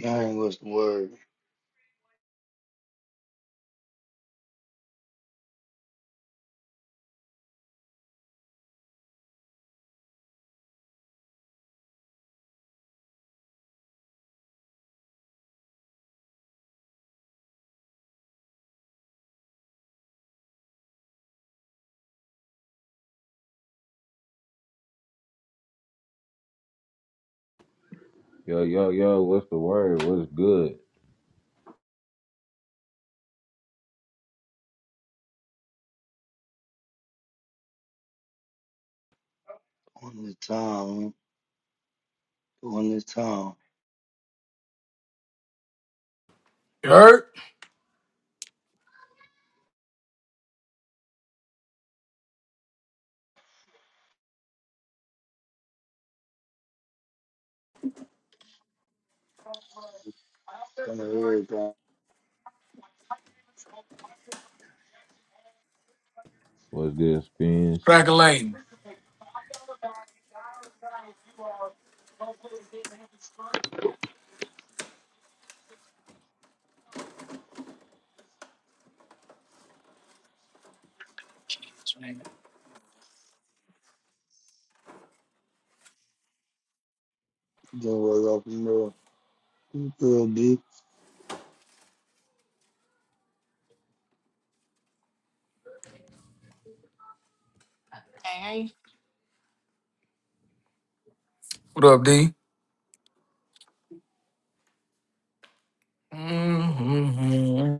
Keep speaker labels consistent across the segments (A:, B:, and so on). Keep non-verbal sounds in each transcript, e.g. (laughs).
A: Dang, what's the word?
B: Yo, yo, yo, what's the word? What's good?
A: On the time, on the time.
C: Dirt,
A: On the everything.
B: What's good, Spence?
C: crack a lane.
A: Then was up in the field, B.
D: Dang, I
C: What up, D? Mm-hmm.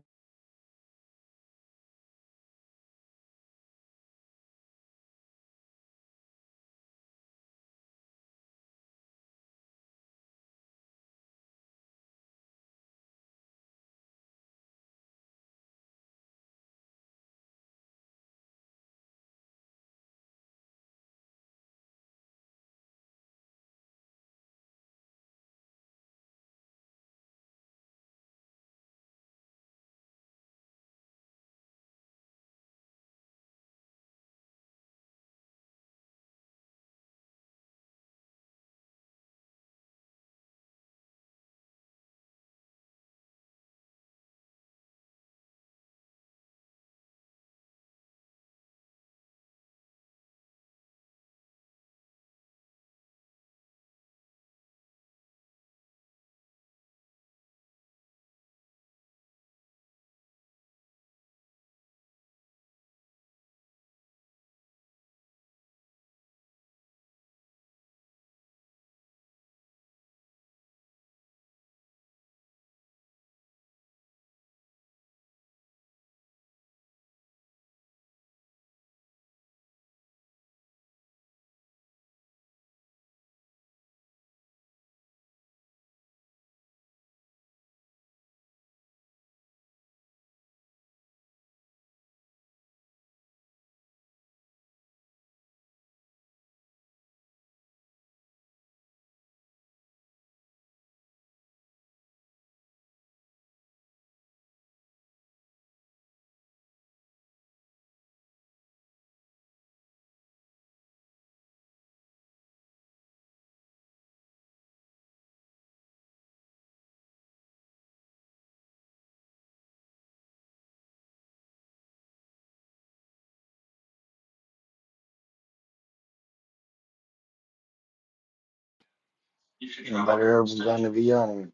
A: Nobody heard from Johnny Vianney.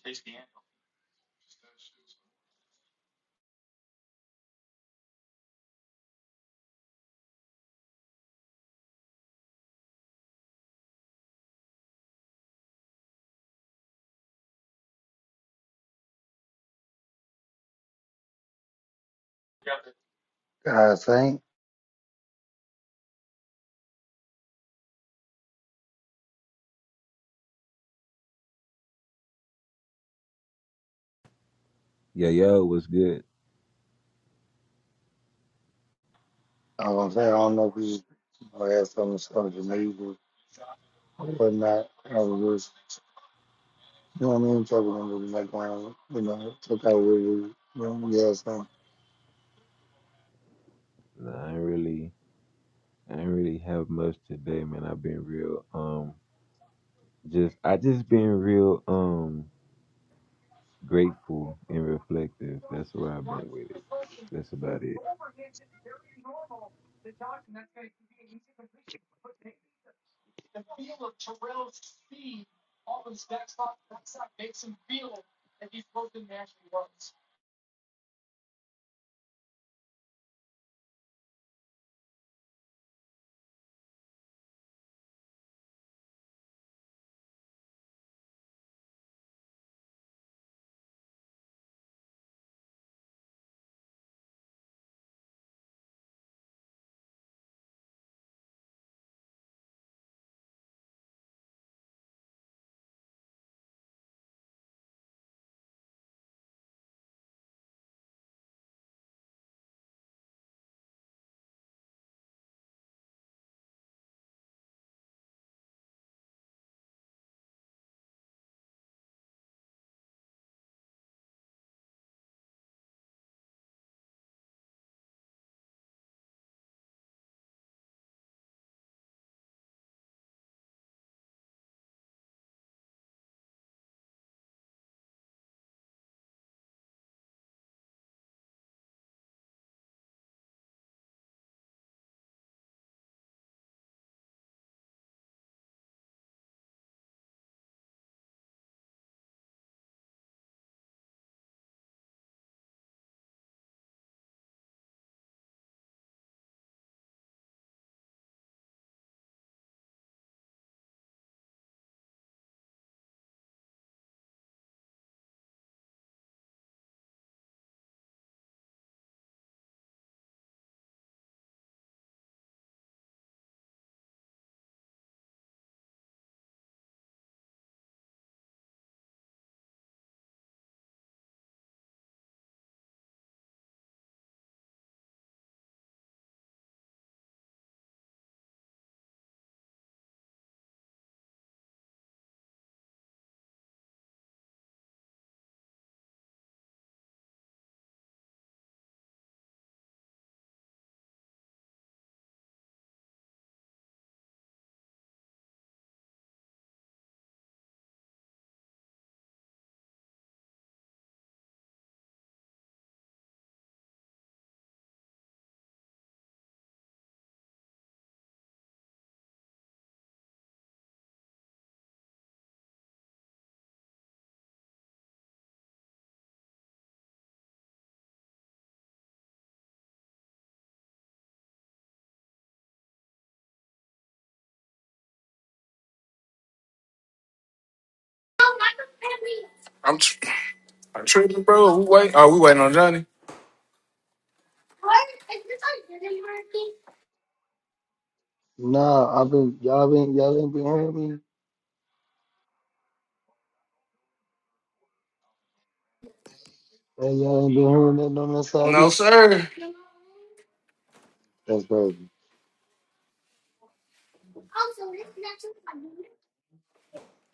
A: I think,
B: Yo, yo, what's good?
A: I was gonna say, I don't know if he or had some stuff to me or whatnot. I was just, you know what I mean? Talking to him, like, when, you know, took out with you. know, Yeah, so.
B: Nah, I ain't really, I ain't really have much today, man. I've been real, um, just, I just been real, um, grateful and reflective. That's where I've been with it. That's about it.
C: I'm, tr- I'm tripping, bro. We wait. Oh, we waiting on Johnny.
A: Nah, I've been, y'all been, y'all ain't been hearing me? Hey, Y'all ain't been hearing that on that
C: No,
A: side?
C: sir.
A: That's crazy.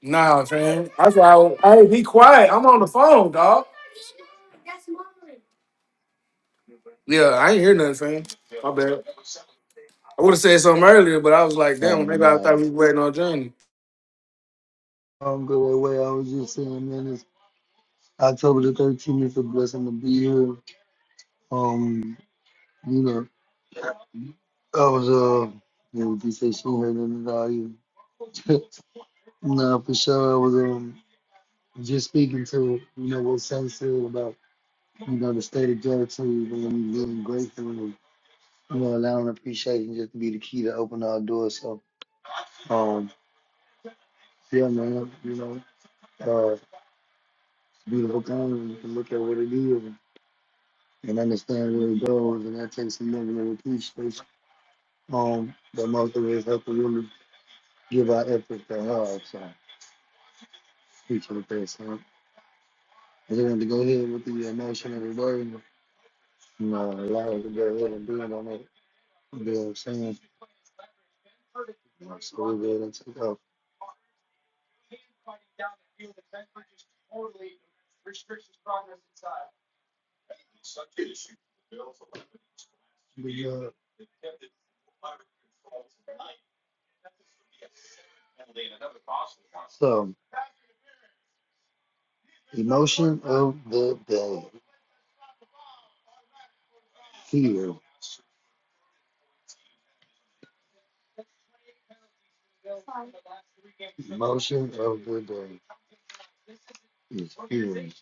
C: Nah, man. That's why. I, was- hey, be quiet. I'm on the phone, dog. Yeah, I ain't hear nothing, fam. My bad. I would have said something earlier, but I was like,
A: I
C: damn,
A: don't
C: maybe I thought
A: know.
C: we were waiting on Johnny.
A: I'm good that way. I was just saying, man, it's October the 13th. It's a blessing to be here. Um, you know, I was, uh, yeah, what you say, she heard nothing about you. (laughs) nah, for sure. I was, um, just speaking to, you know, what Sam said about, you know, the state of gratitude and being grateful and, you know, allowing appreciation just to be the key to open our doors. So, um, yeah, man, you know, uh, it's a beautiful thing. You can look at what it is. and understand where it goes, and that takes some level of appreciation um, that most of us have to really give our effort to have. So, appreciate the best, huh? I just want to go ahead with the emotion of the burden, you know, allow us to go ahead and build on it. You know what I'm saying? So, we're going to take off. We, uh, So, emotion of the day, fear. Emotion of the day. is hearing.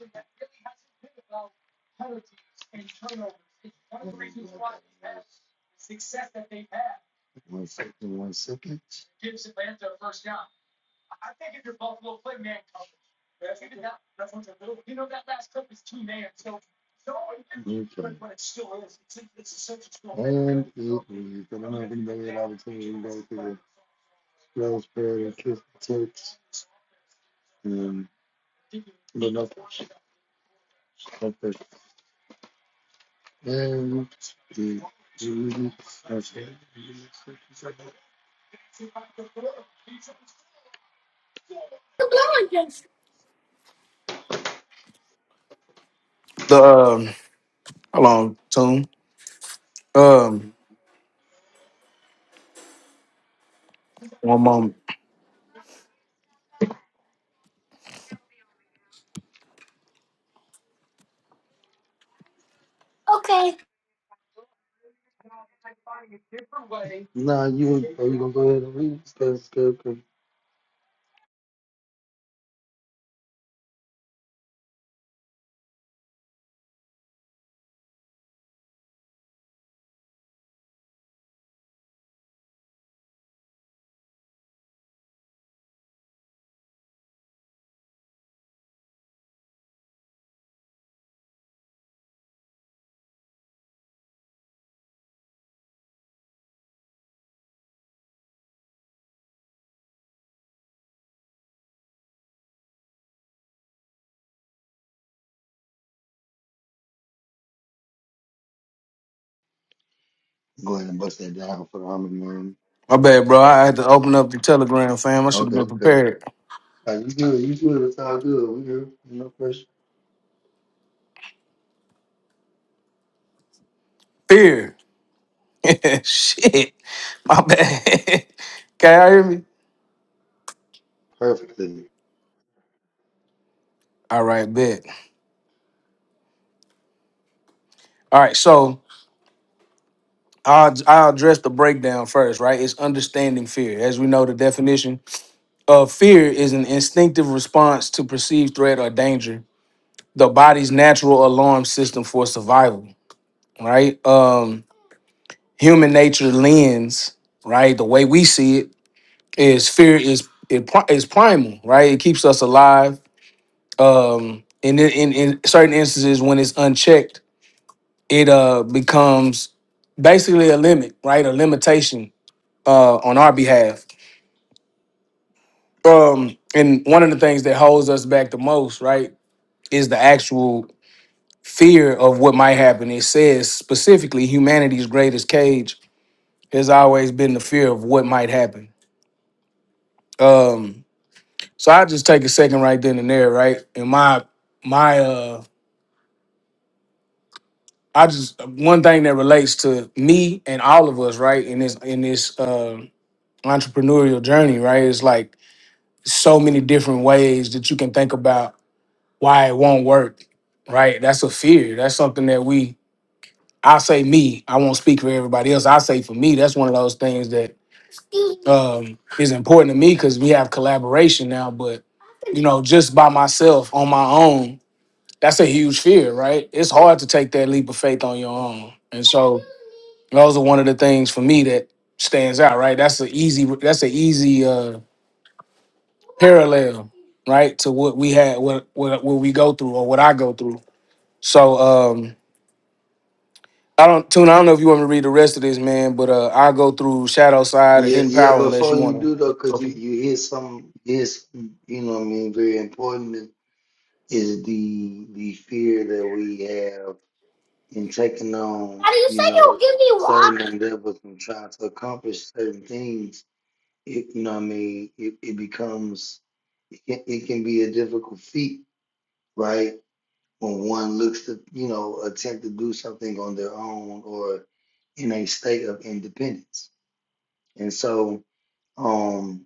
A: One second, one second. Okay. And it is, I don't have anybody that opportunity to go through the rose prayer and kiss the text. And, but no, okay. And the, okay.
C: The um, hold on, Tune. Um, one moment.
A: Nah, you, are you gonna go ahead and read? Go ahead go ahead, and bust that down for the harmony, man.
C: My bad, bro. I had to open up the telegram, fam. I should have
A: Okay,
C: been
A: okay.
C: prepared.
A: Uh, you good? You good? It's all good. We good. No pressure.
C: Fear. (laughs) Shit. My bad. (laughs) Can y'all hear me?
A: Perfectly.
C: All right, bet. All right, so I'll, I'll address the breakdown first, right? It's understanding fear. As we know, the definition of fear is an instinctive response to perceived threat or danger, the body's natural alarm system for survival, right? Um, human nature lens, right? The way we see it is fear is it pri- is primal, right? It keeps us alive um and in in, in certain instances when it's unchecked it uh becomes basically a limit right a limitation uh on our behalf um and one of the things that holds us back the most right is the actual fear of what might happen it says specifically humanity's greatest cage has always been the fear of what might happen um so i just take a second right then and there right and my my uh I just one thing that relates to me and all of us, right? In this in this uh, entrepreneurial journey, right? It's like so many different ways that you can think about why it won't work, right? That's a fear. That's something that we. I say me. I won't speak for everybody else. I say for me, that's one of those things that um, is important to me because we have collaboration now. But you know, just by myself on my own, that's a huge fear, right? It's hard to take that leap of faith on your own. And so those are one of the things for me that stands out, right? That's an easy that's an easy uh parallel, right, to what we had what what, what we go through or what I go through. So um I don't tune, I don't know if you want me to read the rest of this, man, but uh I'll go through Shadow Side and
A: Yeah,
C: Hidden
A: yeah.
C: Power unless
A: Before
C: you
A: you
C: want to.
A: do though, cause you
C: Okay.
A: you hear some is you know what I mean very important is the the fear that we have in taking on you know certain endeavors and trying to accomplish certain things. It, you know what I mean. It it becomes it can, it can be a difficult feat, right? when one looks to, you know, attempt to do something on their own or in a state of independence. And so, um,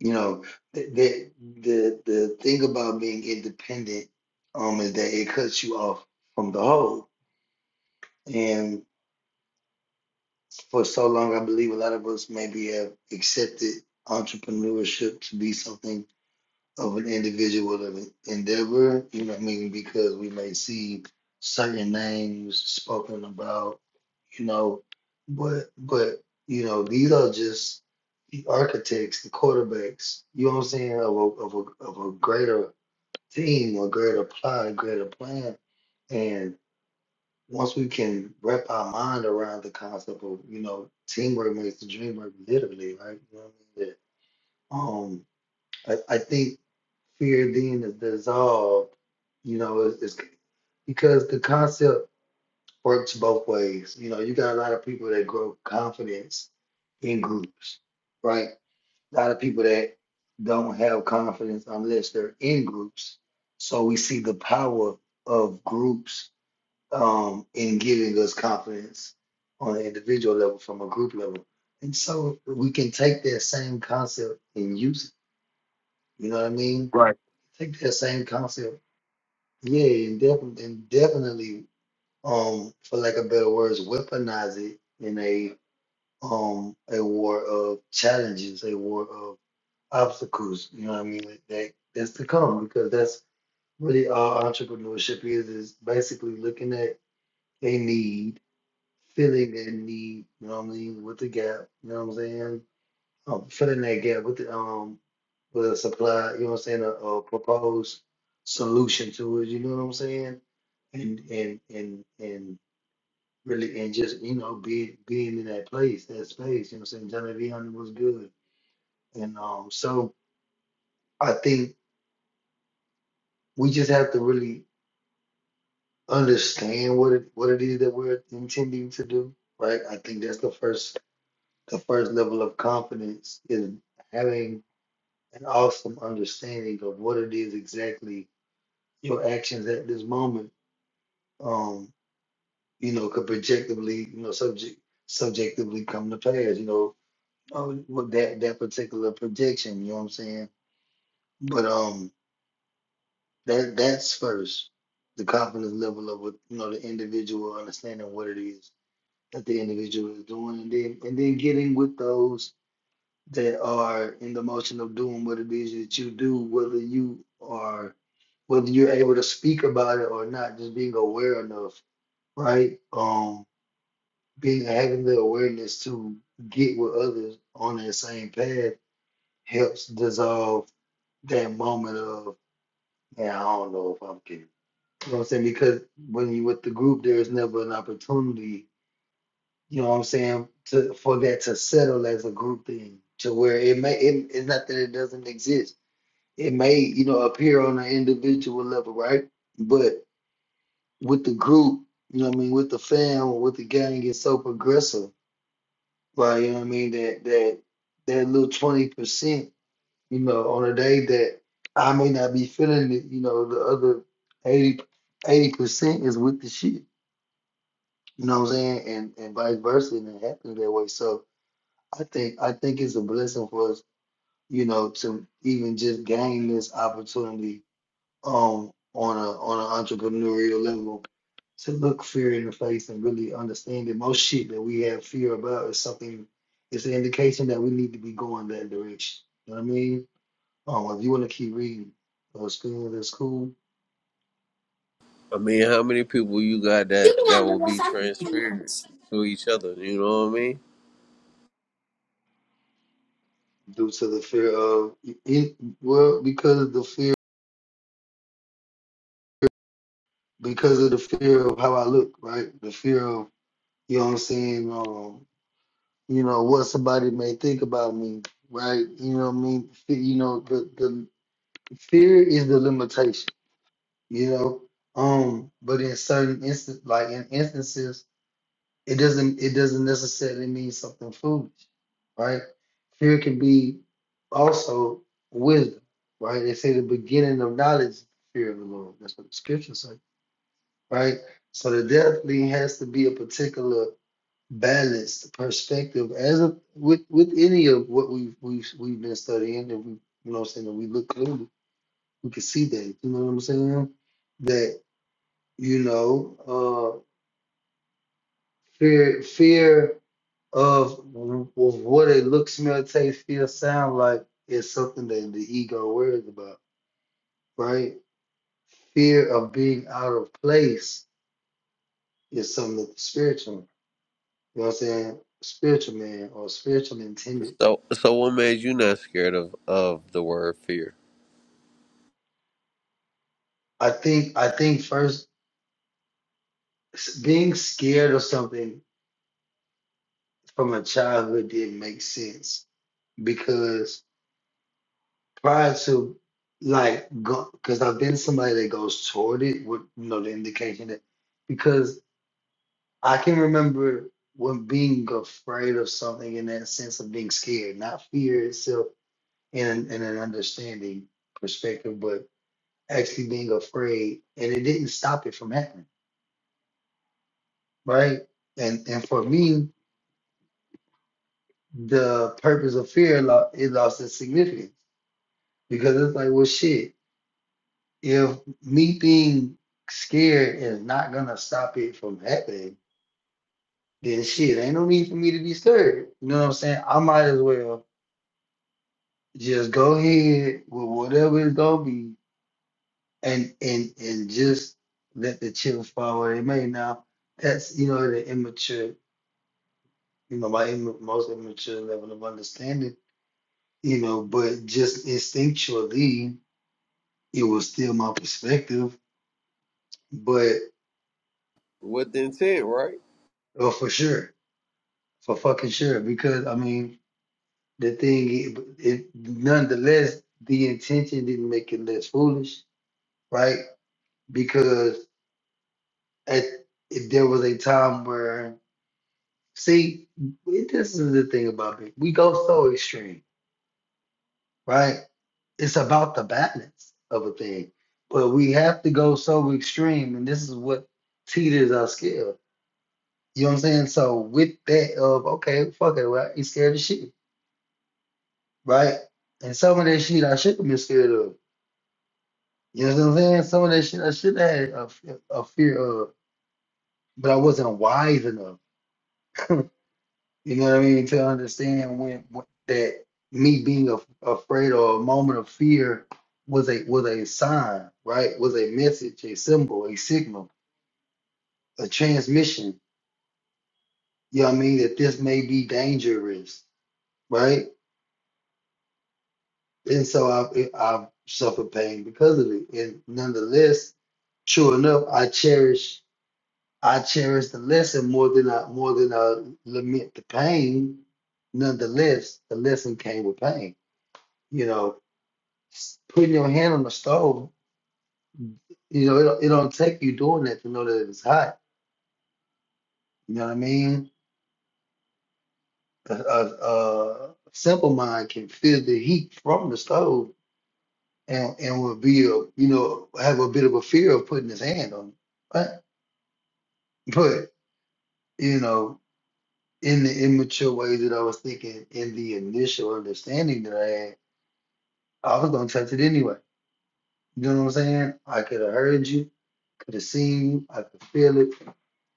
A: you know, the the the, the thing about being independent um, is that it cuts you off from the whole. And for so long, I believe a lot of us maybe have accepted entrepreneurship to be something of an individual of an endeavor, you know what I mean? Because we may see certain names spoken about, you know, but but you know, these are just the architects, the quarterbacks, you know what I'm saying, of a of a of a greater team, a greater plot, a greater plan. And once we can wrap our mind around the concept of, you know, teamwork makes the dream work literally, right? You know what I mean? That, um I, I think fear then is dissolved. You know, it's, it's because the concept works both ways. You know, you got a lot of people that grow confidence in groups, right? A lot of people that don't have confidence unless they're in groups. So we see the power of groups um, in giving us confidence on an individual level from a group level. And so we can take that same concept and use it. You know what I mean?
C: Right.
A: take that same concept, yeah, and definitely, and definitely, um, for lack of better words, weaponize it in a um a war of challenges, a war of obstacles. You know what I mean? Like That that's to come because that's really all entrepreneurship is is basically looking at a need, filling that need. You know what I mean? With the gap. You know what I'm saying? um, fill that gap with the um with a supply, you know what I'm saying, a, a proposed solution to it, you know what I'm saying? And and and and really and just, you know, be being in that place, that space, you know what I'm saying? Johnny V. Hunter was good. And um so I think we just have to really understand what it what it is that we're intending to do, right? I think that's the first the first level of confidence is having an awesome understanding of what it is exactly your actions at this moment, um, you know, could projectively, you know, subject subjectively come to pass, you know, um, with that that particular projection, you know what I'm saying? But um that that's first. The confidence level of what you know the individual understanding what it is that the individual is doing and then and then getting with those that are in the motion of doing what it is that you do, whether you are whether you're able to speak about it or not, just being aware enough right? Um, being having the awareness to get with others on that same path helps dissolve that moment of man, I don't know if I'm getting. You know what I'm saying? Because when you with the group, there is never an opportunity. You know what I'm saying? To for that to settle as a group thing, to where it may it, it's not that it doesn't exist. It may you know appear on an individual level, right? But with the group, you know what I mean, with the fam, with the gang, it's so progressive Like, you know what I mean? That that that little twenty percent, you know, on a day that I may not be feeling it, you know, the other eighty eighty percent is with the shit. You know what I'm saying? And and vice versa, and it happens that way. So I think I think it's a blessing for us, you know, to even just gain this opportunity um on a on an entrepreneurial level to look fear in the face and really understand that most shit that we have fear about is something it's an indication that we need to be going that direction. You know what I mean? Um if you wanna keep reading uh school is cool
E: I mean, how many people you got
C: You
E: that
C: know
E: that will
C: what
E: be transparent to each other? You know what I mean?
A: due to the fear of it well because of the fear because of the fear of how I look, right? The fear of you know what I'm saying, um, you know, what somebody may think about me, right? You know what I mean? Fe- You know, the, the fear is the limitation, you know. Um, but in certain instances, like in instances, it doesn't it doesn't necessarily mean something foolish, right? Fear can be also wisdom, right? They say the beginning of knowledge is the fear of the Lord. That's what the scriptures say, right? So there definitely has to be a particular balanced perspective as a, with with any of what we've we've we've been studying and we you know what I'm saying that we look through we can see that. You know what I'm saying? That you know, uh, fear fear of of what it looks, smell, taste, feel, sound like is something that the ego worries about, right? Fear of being out of place is something that the spiritual, you know what I'm saying, spiritual man or spiritual intended.
E: So, so what made you not scared of of the word fear?
A: I think I think first s- being scared of something from a childhood didn't make sense because prior to like go because I've been somebody that goes toward it with you know the indication that because I can remember when being afraid of something in that sense of being scared, not fear itself in in an understanding perspective, but actually being afraid and it didn't stop it from happening, right? And and for me, the purpose of fear lo- it lost its significance because it's like well shit. if me being scared is not gonna stop it from happening, then shit, ain't no need for me to be scared. You know what I'm saying? I might as well just go ahead with whatever it's gonna be and and and just let the chips fall where they may. Now that's you know the immature, you know, my Im- most immature level of understanding, you know, but just instinctually it was still my perspective, but
E: With intent, right?
A: oh for sure. For fucking sure. Because I mean the thing, it nonetheless, the intention didn't make it less foolish, right? Because at if there was a time where, see, this is the thing about it. We go so extreme, right? It's about the balance of a thing, but we have to go so extreme, and this is what teeters our scale. You know what I'm saying? So with that of okay, fuck it, right? He's scared of shit, right? And some of that shit I should have been scared of You know what I'm saying? Some of that shit, I should have had a, f- a fear of, but I wasn't wise enough. (laughs) you know what I mean? To understand when, when that me being af afraid or a moment of fear was a was a sign, right? Was a message, a symbol, a signal, a transmission. You know what I mean? That this may be dangerous, right? And so I've I've suffered pain because of it, and nonetheless, sure enough, I cherish. I cherish the lesson more than I more than I lament the pain. Nonetheless, the lesson came with pain. You know, putting your hand on the stove, you know, it, don't- it don't take you doing that to know that it's hot. You know what I mean? A, a, a simple mind can feel the heat from the stove and and will be a, you know have a bit of a fear of putting his hand on it. Right? But you know, in the immature way that I was thinking, in the initial understanding that I had. I was gonna touch it anyway. You know what I'm saying? I could have heard you, could have seen you, I could feel it.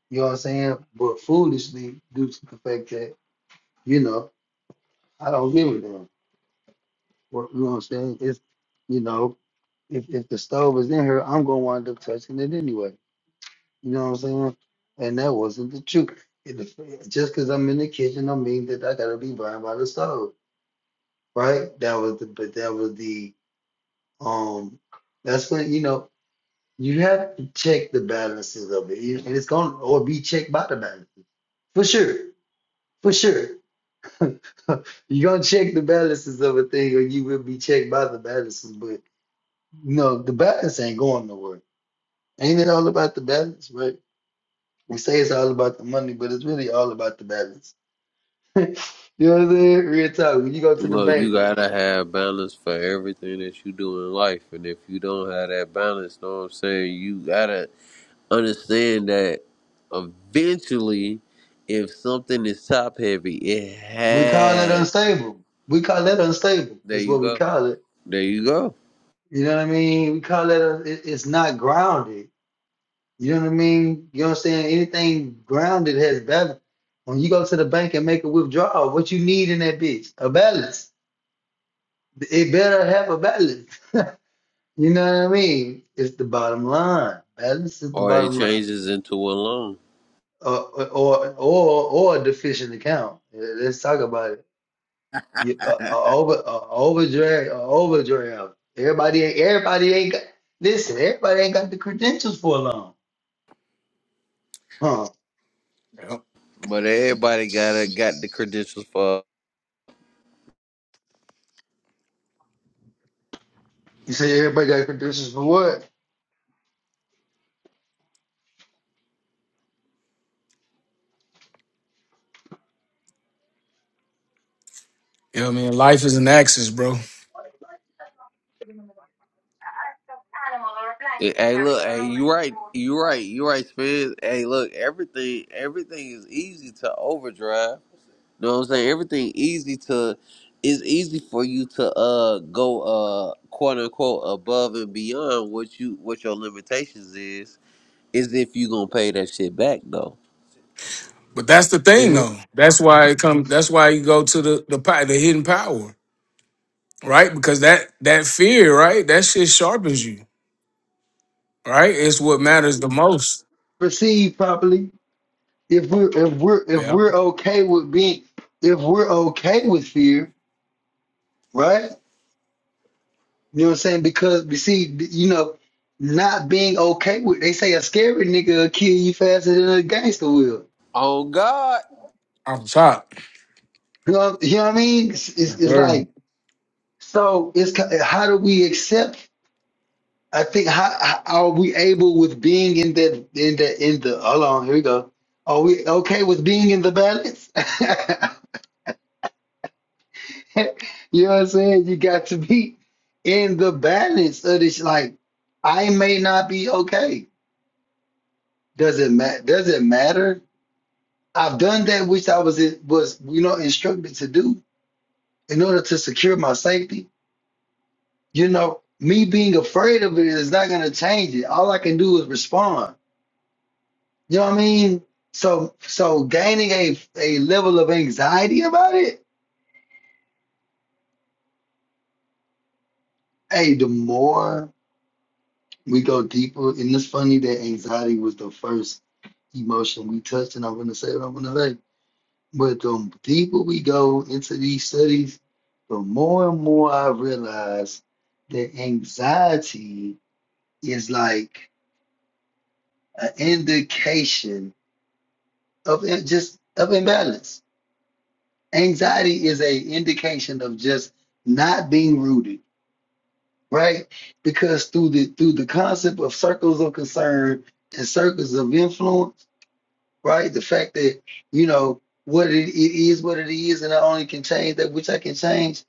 A: You know what I'm saying? But foolishly, due to the fact that you know I don't give a damn. What you know what I'm saying? It's you know if if the stove is in here, I'm gonna wind up touching it anyway. You know what I'm saying? And that wasn't the truth. It, just because I'm in the kitchen, don't mean that I gotta be burned by the stove, right? That was the but that was the um. That's when you know. You have to check the balances of it, and it's going to or be checked by the balances for sure, for sure. (laughs) You're gonna check the balances of a thing, or you will be checked by the balances. But no, the balance ain't going nowhere. Ain't it all about the balance, right? We say it's all about the money, but it's really all about the balance. (laughs) you know what I'm saying? Real talk. When you go to the
E: Look, you
A: bank,
E: gotta have balance for everything that you do in life, and if you don't have that balance, know what I'm saying? You gotta understand that eventually, if something is top heavy, it
A: we call it
E: has.
A: unstable. We call that unstable.
E: There
A: That's
E: you
A: what we
E: go.
A: call it.
E: There you go.
A: You know what I mean? We call that. it, it's not grounded You know what I mean? You know what I'm saying? Anything grounded has balance. When you go to the bank and make a withdrawal, what you need in that bitch? A balance. It better have a balance. (laughs) you know what I mean? It's the bottom line. Balance is the
E: Or it
A: bottom line.
E: changes into a loan.
A: Or or or, or a deficient account. Yeah, Let's talk about it. You, uh, uh, over uh, overdraft, uh, overdraft. Everybody, ain't- everybody ain't got. Listen, everybody ain't got the credentials for a loan, huh?
E: But everybody got a, got the credentials for.
A: You say everybody got credentials for what?
C: I mean? Life is an axis, bro.
E: Hey, look, hey, you right, you right, you right, Spence. Hey, look, everything, everything is easy to overdrive. You know what I'm saying? Everything easy to, it's easy for you to uh go uh quote unquote above and beyond what you what your limitations is. Is if you gonna pay that shit back though.
C: But that's the thing, though. That's why it comes. That's why you go to the the pow- the hidden power, right? Because that that fear, right? That shit sharpens you, right? It's what matters the most.
A: proceed properly, if we're if we're if
C: Yeah,
A: we're okay with being if we're okay with fear, right? You know what I'm saying? Because we see, you know, not being okay with they say a scary nigga will kill you faster than a gangster will.
E: Oh God!
C: I'm top.
A: You know, you know what I mean? It's, it's, it's
C: Sure.
A: like so. It's ki- how do we accept? I think how, how are we able with being in that in the in the hold on here we go. Are we okay with being in the balance? (laughs) (laughs) You know what I'm saying? You got to be in the balance of this. Like, I may not be okay. Does it matter? Does it matter? I've done that which I was was you know instructed to do in order to secure my safety. You know, me being afraid of it is not going to change it. All I can do is respond. You know what I mean? So so gaining a a level of anxiety about it. Hey, the more we go deeper, and it's funny that anxiety was the first emotion we touched, and I'm gonna say what I'm gonna say. But the deeper we go into these studies, the more and more I realize that anxiety is like an indication of in- just of imbalance. Anxiety is a indication of just not being rooted, right? Because through the through the concept of circles of concern and circles of influence right? The fact that you know what it, it is, what it is, and I only can change that which I can change.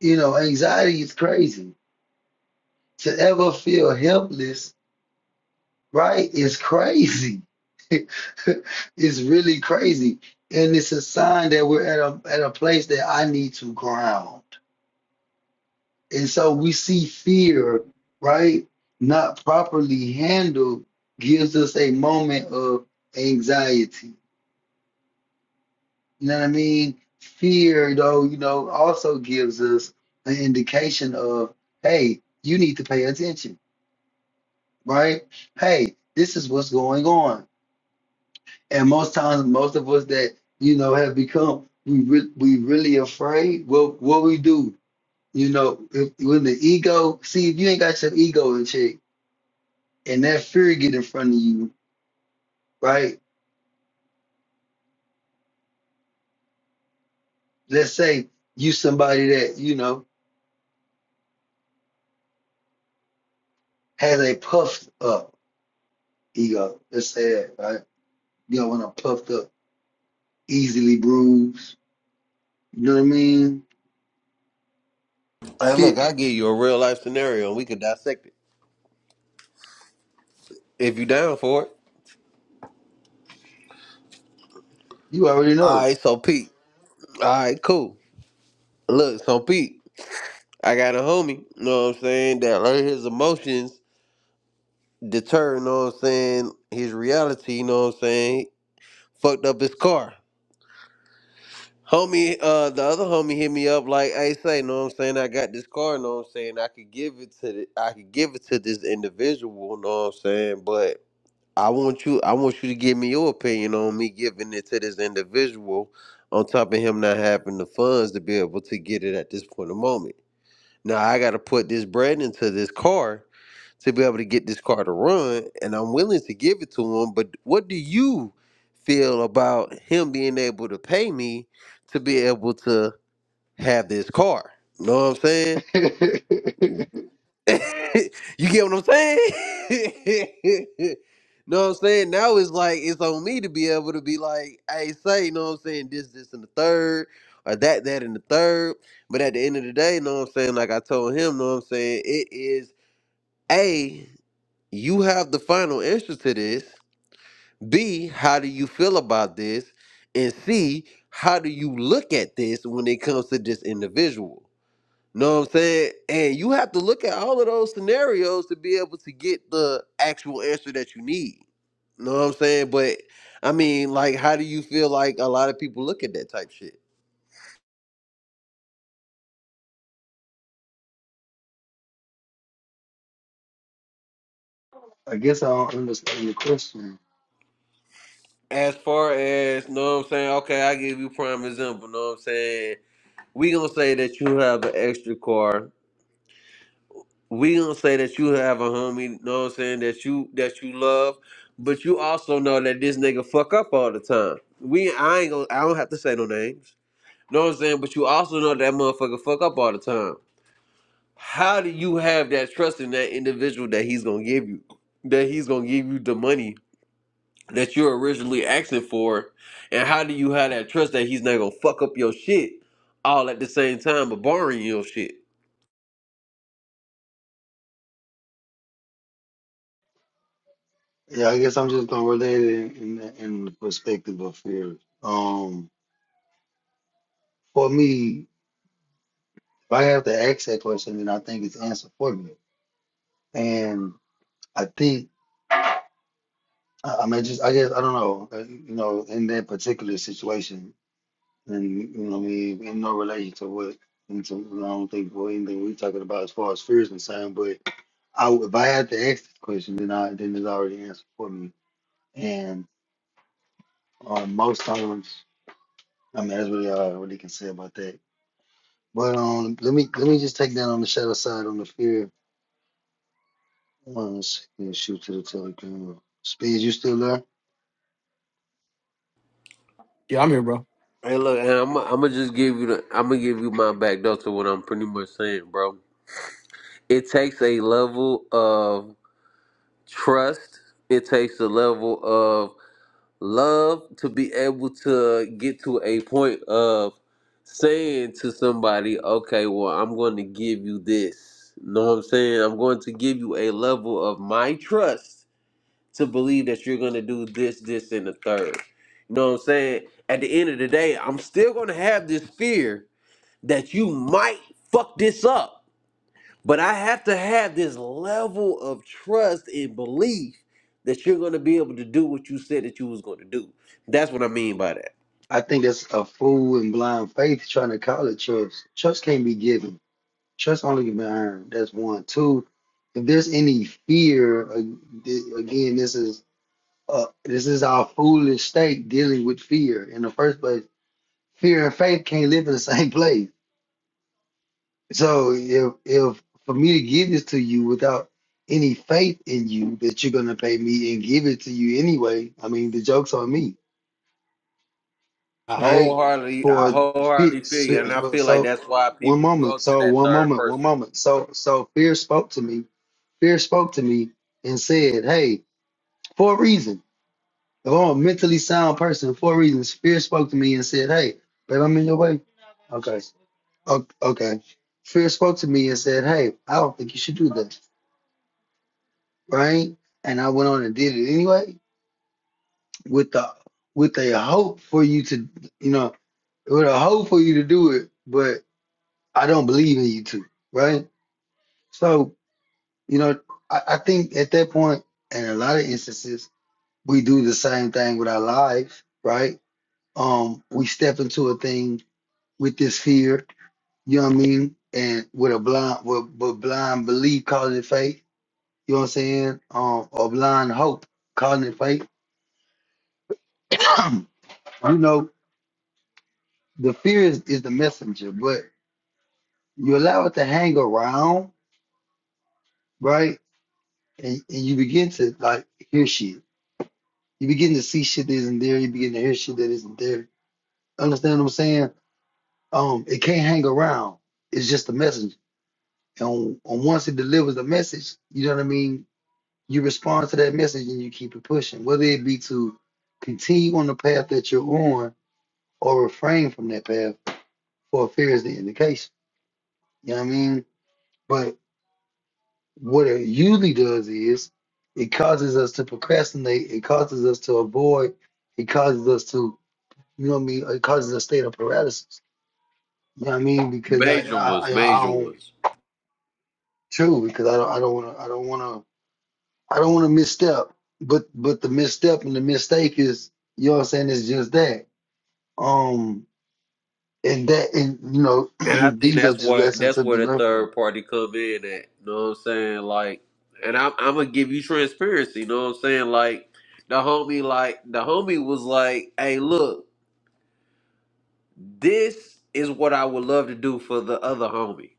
A: You know, anxiety is crazy. To ever feel helpless, right, is crazy. (laughs) it's really crazy, and it's a sign that we're at a at a place that I need to ground. And so we see fear, right, not properly handled, gives us a moment of anxiety You know what I mean? Fear, though, you know, also gives us an indication of, hey, you need to pay attention, right? Hey, this is what's going on. And most times, most of us that, you know, have become, we, re- we really afraid. Well, what we do, you know, if, when the ego, see, if you ain't got your ego in check and that fear get in front of you, right? Let's say you somebody that, you know, has a puffed up ego. Let's say that, right? Yo, when I'm puffed up, easily bruised. You know what I mean?
E: Hey, look,
A: Shit,
E: I give you a real life scenario and we could dissect it if you down for it.
A: you already
E: All
A: know.
E: right, so Pete. All right, cool. Look, so Pete, I got a homie, you know what I'm saying, that let his emotions deter, you know what I'm saying, his reality, you know what I'm saying, fucked up his car. Homie, uh, the other homie hit me up like, hey, say, you know what I'm saying, I got this car, you know what I'm saying, I could give it to the, I could give it to this individual, you know what I'm saying, but I want you, I want you to give me your opinion on me giving it to this individual on top of him not having the funds to be able to get it at this point of moment. Now I got to put this bread into this car to be able to get this car to run, and I'm willing to give it to him. But what do you feel about him being able to pay me to be able to have this car? You know what I'm saying?
A: (laughs) I
E: (laughs) you get what I'm saying? (laughs) know what I'm saying? Now it's like it's on me to be able to be like, hey, say, you know what I'm saying, this, this, and the third, or that, that, and the third. But at the end of the day, you know what I'm saying? Like I told him, know what I'm saying, it is A, you have the final answer to this. B, how do you feel about this? And C, how do you look at this when it comes to this individual? Know what I'm saying? And you have to look at all of those scenarios to be able to get the actual answer that you need. Know what I'm saying? But I mean, like, how do you feel like a lot of people look at that type shit?
A: guess I don't understand your question.
E: As far as, know what I'm saying? Okay, I give you prime example. Know what I'm saying? We gonna say that you have an extra car. We gonna say that you have a homie. Know what I'm saying? That you that you love, but you also know that this nigga fuck up all the time. We I ain't gonna I don't have to say no names. Know what I'm saying? But you also know that motherfucker fuck up all the time. How do you have that trust in that individual that he's gonna give you? That he's gonna give you the money that you're originally asking for? And how do you have that trust that he's not gonna fuck up your shit all at the same time but borrowing your shit?
A: Yeah, I guess I'm just gonna relate it in, in, the- in the perspective of fear. Um, for me, if I have to ask that question, then I think it's answered for me. And I think, I, I mean, just I guess I don't know, uh, you know, in that particular situation, and you know, what I mean, in no relation to what, and to, I don't think what anything we're talking about as far as fear is concerned, but I, w- if I had to ask this question, then I then it's already answered for me. And um, most times, I mean, that's really all I really can say about that. But um, let me let me just take that on the shadow side on the fear. One second, shoot to the telegram. Speed, you still there?
C: Yeah, I'm here, bro.
E: Hey, look, and I'm, I'm gonna just give you the, I'm gonna give you my back door to what I'm pretty much saying, bro. It takes a level of trust. It takes a level of love to be able to get to a point of saying to somebody, okay, well, I'm going to give you this. know what I'm saying? I'm going to give you a level of my trust to believe that you're going to do this, this, and the third. You know what I'm saying? At the end of the day, I'm still going to have this fear that you might fuck this up. But I have to have this level of trust and belief that you're going to be able to do what you said that you was going to do. That's what I mean by that.
A: I think that's a fool and blind faith trying to call it trust. Trust can't be given. Trust only can be earned. That's one. Two. If there's any fear, uh, th- again, this is uh, this is our foolish state dealing with fear in the first place fear and faith can't live in the (laughs) same place. So if if for me to give this to you without any faith in you that you're gonna pay me and give it to you anyway, I mean the joke's on me,
E: I
A: right?
E: wholeheartedly, I
A: For fe-
E: wholeheartedly feel you, and I
A: so
E: feel like
A: so-
E: that's why
A: one
E: people go
A: moment,
E: to
A: so
E: that
A: one
E: third
A: moment, one
E: person.
A: moment. So so fear spoke to me. Fear spoke to me and said, "Hey, for a reason." If I'm a mentally sound person, for a reason, fear spoke to me and said, "Hey, but I'm in your way." Okay. O- Okay. Fear spoke to me and said, Hey, I don't think you should do this, Right? And I went on and did it anyway with the with a hope for you to you know, with a hope for you to do it, but I don't believe in you to, right? So, you know, I, I think at that point in a lot of instances, we do the same thing with our lives, right? Um, we step into a thing with this fear, you know what I mean, and with a blind with, with blind belief calling it faith you know what I'm saying? Um, or blind hope, calling it fake. (clears throat) you know, the fear is, is the messenger, but you allow it to hang around, right? And, and you begin to like hear shit. You begin to see shit that isn't there. You begin to hear shit that isn't there. Understand what I'm saying? Um, it can't hang around. It's just a messenger. And, and once it delivers a message, you know what I mean? You respond to that message and you keep it pushing, whether it be to continue on the path that you're on or refrain from that path or appears the indication. You know what I mean? But what it usually does is it causes us to procrastinate, it causes us to avoid, it causes us to, you know what I mean, it causes a state of paralysis. You know what I mean? Because I
E: Major ones,
A: I, I,
E: major
A: don't
E: ones,
A: true because I don't I don't wanna I don't wanna I don't wanna misstep. But but the misstep and the mistake is you know what I'm saying, it's just that. Um and that and you know
E: and I
A: (clears throat)
E: think
A: these are
E: that's
A: just
E: where
A: lessons
E: that's
A: to be
E: where the
A: learned from.
E: third party come in. At you know what I'm saying, like, and I'm I'm gonna give you transparency. You know what I'm saying, like, the homie, like the homie was like, "Hey, look." This is what I would love to do for the other homie.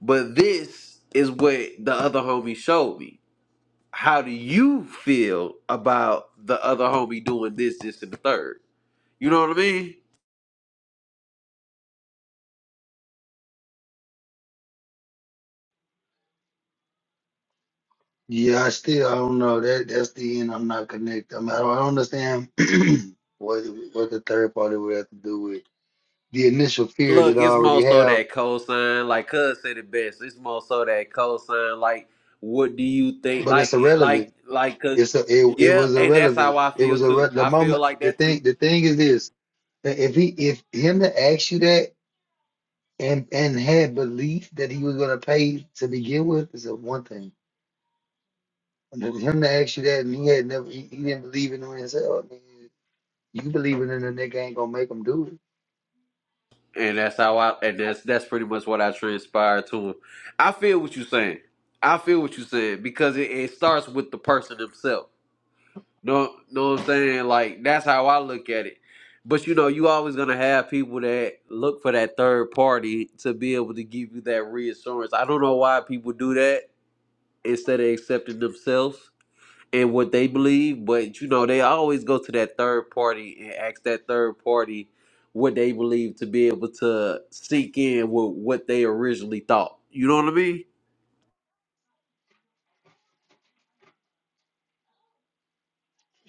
E: But this is what the other homie showed me. How do you feel about the other homie doing this, this, and the third? You know what I mean?
A: Yeah, I still I don't know that that's the end. I'm not connected. I'm, I mean, I don't I don't understand (clears throat) what what the third party would have to do with the initial fear that
E: Look,
A: I
E: it's more
A: already
E: so
A: have,
E: that cosign, like Cuz said it best. It's more so that cosign, like what do you think?
A: but
E: Like,
A: it's
E: like,
A: irrelevant.
E: like, 'cause-
A: It's a, it it
E: yeah,
A: was
E: and that's
A: irrelevant.
E: how I
A: It
E: feel
A: was
E: too.
A: a the
E: I feel
A: moment.
E: like
A: The
E: that too.
A: thing the thing is this: that if he if him to ask you that and and had belief that he was gonna pay to begin with is a one thing. And then Him to ask you that and he had never he, he didn't believe in himself. I mean, you believing in a nigga ain't gonna make him do it.
E: And that's how I and that's that's pretty much what I transpired to him. I feel what you're saying. I feel what you're saying because it, it starts with the person himself. No, know what I'm saying? Like that's how I look at it. But you know, you always gonna have people that look for that third party to be able to give you that reassurance. I don't know why people do that instead of accepting themselves and what they believe, but you know, they always go to that third party and ask that third party what they believe to be able to seek in with what they originally thought. You know what I mean?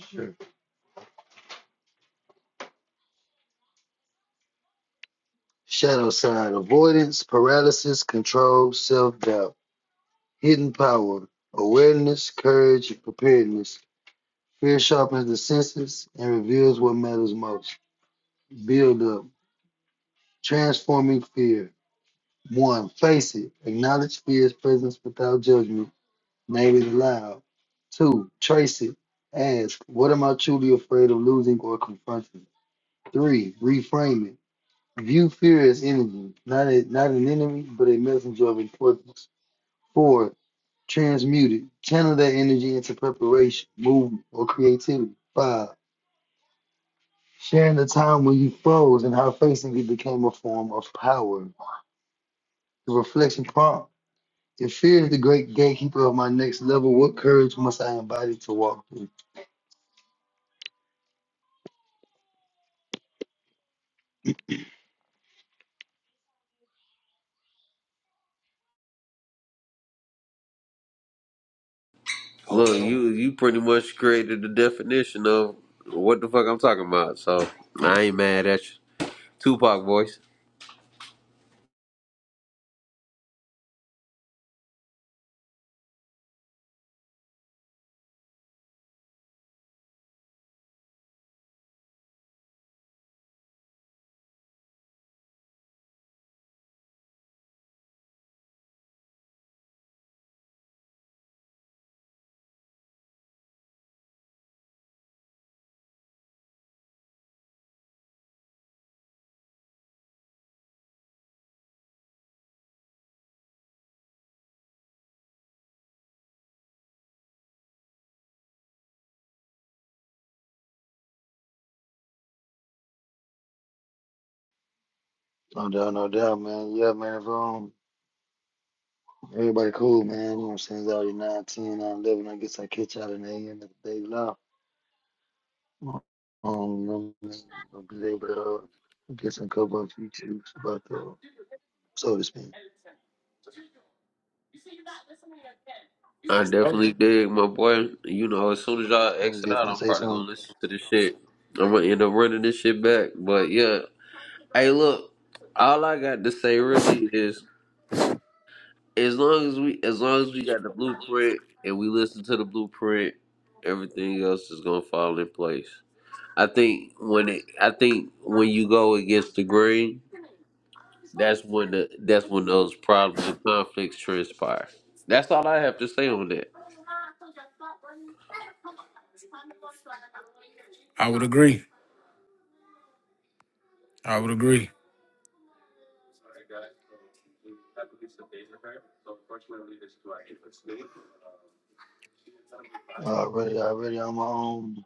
A: Sure. Shadow side avoidance, paralysis, control, self doubt, hidden power, awareness, courage, and preparedness. Fear sharpens the senses and reveals what matters most. Build up, transforming fear. One, face it. Acknowledge fear's presence without judgment. Name it aloud. Two, trace it. Ask, what am I truly afraid of losing or confronting? Three, reframe it. View fear as energy, not a, not an enemy, but a messenger of importance. Four, transmute it. Channel that energy into preparation, movement, or creativity. Five, sharing the time when you froze and how facing it became a form of power. The reflection prompt. If fear is the great gatekeeper of my next level, what courage must I embody to walk through?
E: Look, Okay. you you pretty much created the definition of what the fuck I'm talking about. So I ain't mad at you. Tupac voice.
A: No doubt, no doubt, man. Yeah, man. If um, everybody cool, man. You know what I'm saying? It's already 9, ten, nine, eleven. I guess I catch out in the AM of the day now. Um, I'm be able to uh, get some couple of features about the so to speak.
E: I
C: Okay.
E: definitely dig my boy. You know, as soon as y'all
A: And
E: exit
A: just
E: out,
A: gonna
E: I'm
A: say
E: probably gonna
A: something
E: listen to this shit. I'm gonna end up running this shit back. But yeah. Hey look, all I got to say really is as long as we as long as we got the blueprint and we listen to the blueprint, everything else is gonna fall in place. I think when it I think when you go against the grain, that's when the that's when those problems and conflicts transpire. That's all I have to say on that.
C: I would agree. I would agree.
A: already, already on my own.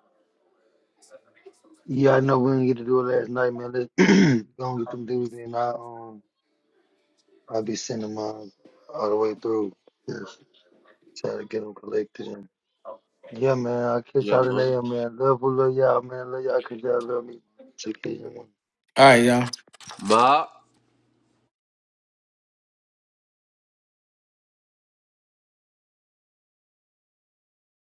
A: Yeah, I know we didn't get to do it last night, man. Let's (clears throat) go and get them dudes in. I um, I'll be sending mine all the way through. Just try to get them collected. And yeah, man, I will catch
E: Yeah,
A: y'all in
E: mom.
A: there, man. Love, we love y'all, man. Love y'all 'cause y'all love me. Take care, y'all.
C: All right, y'all.
E: Ma.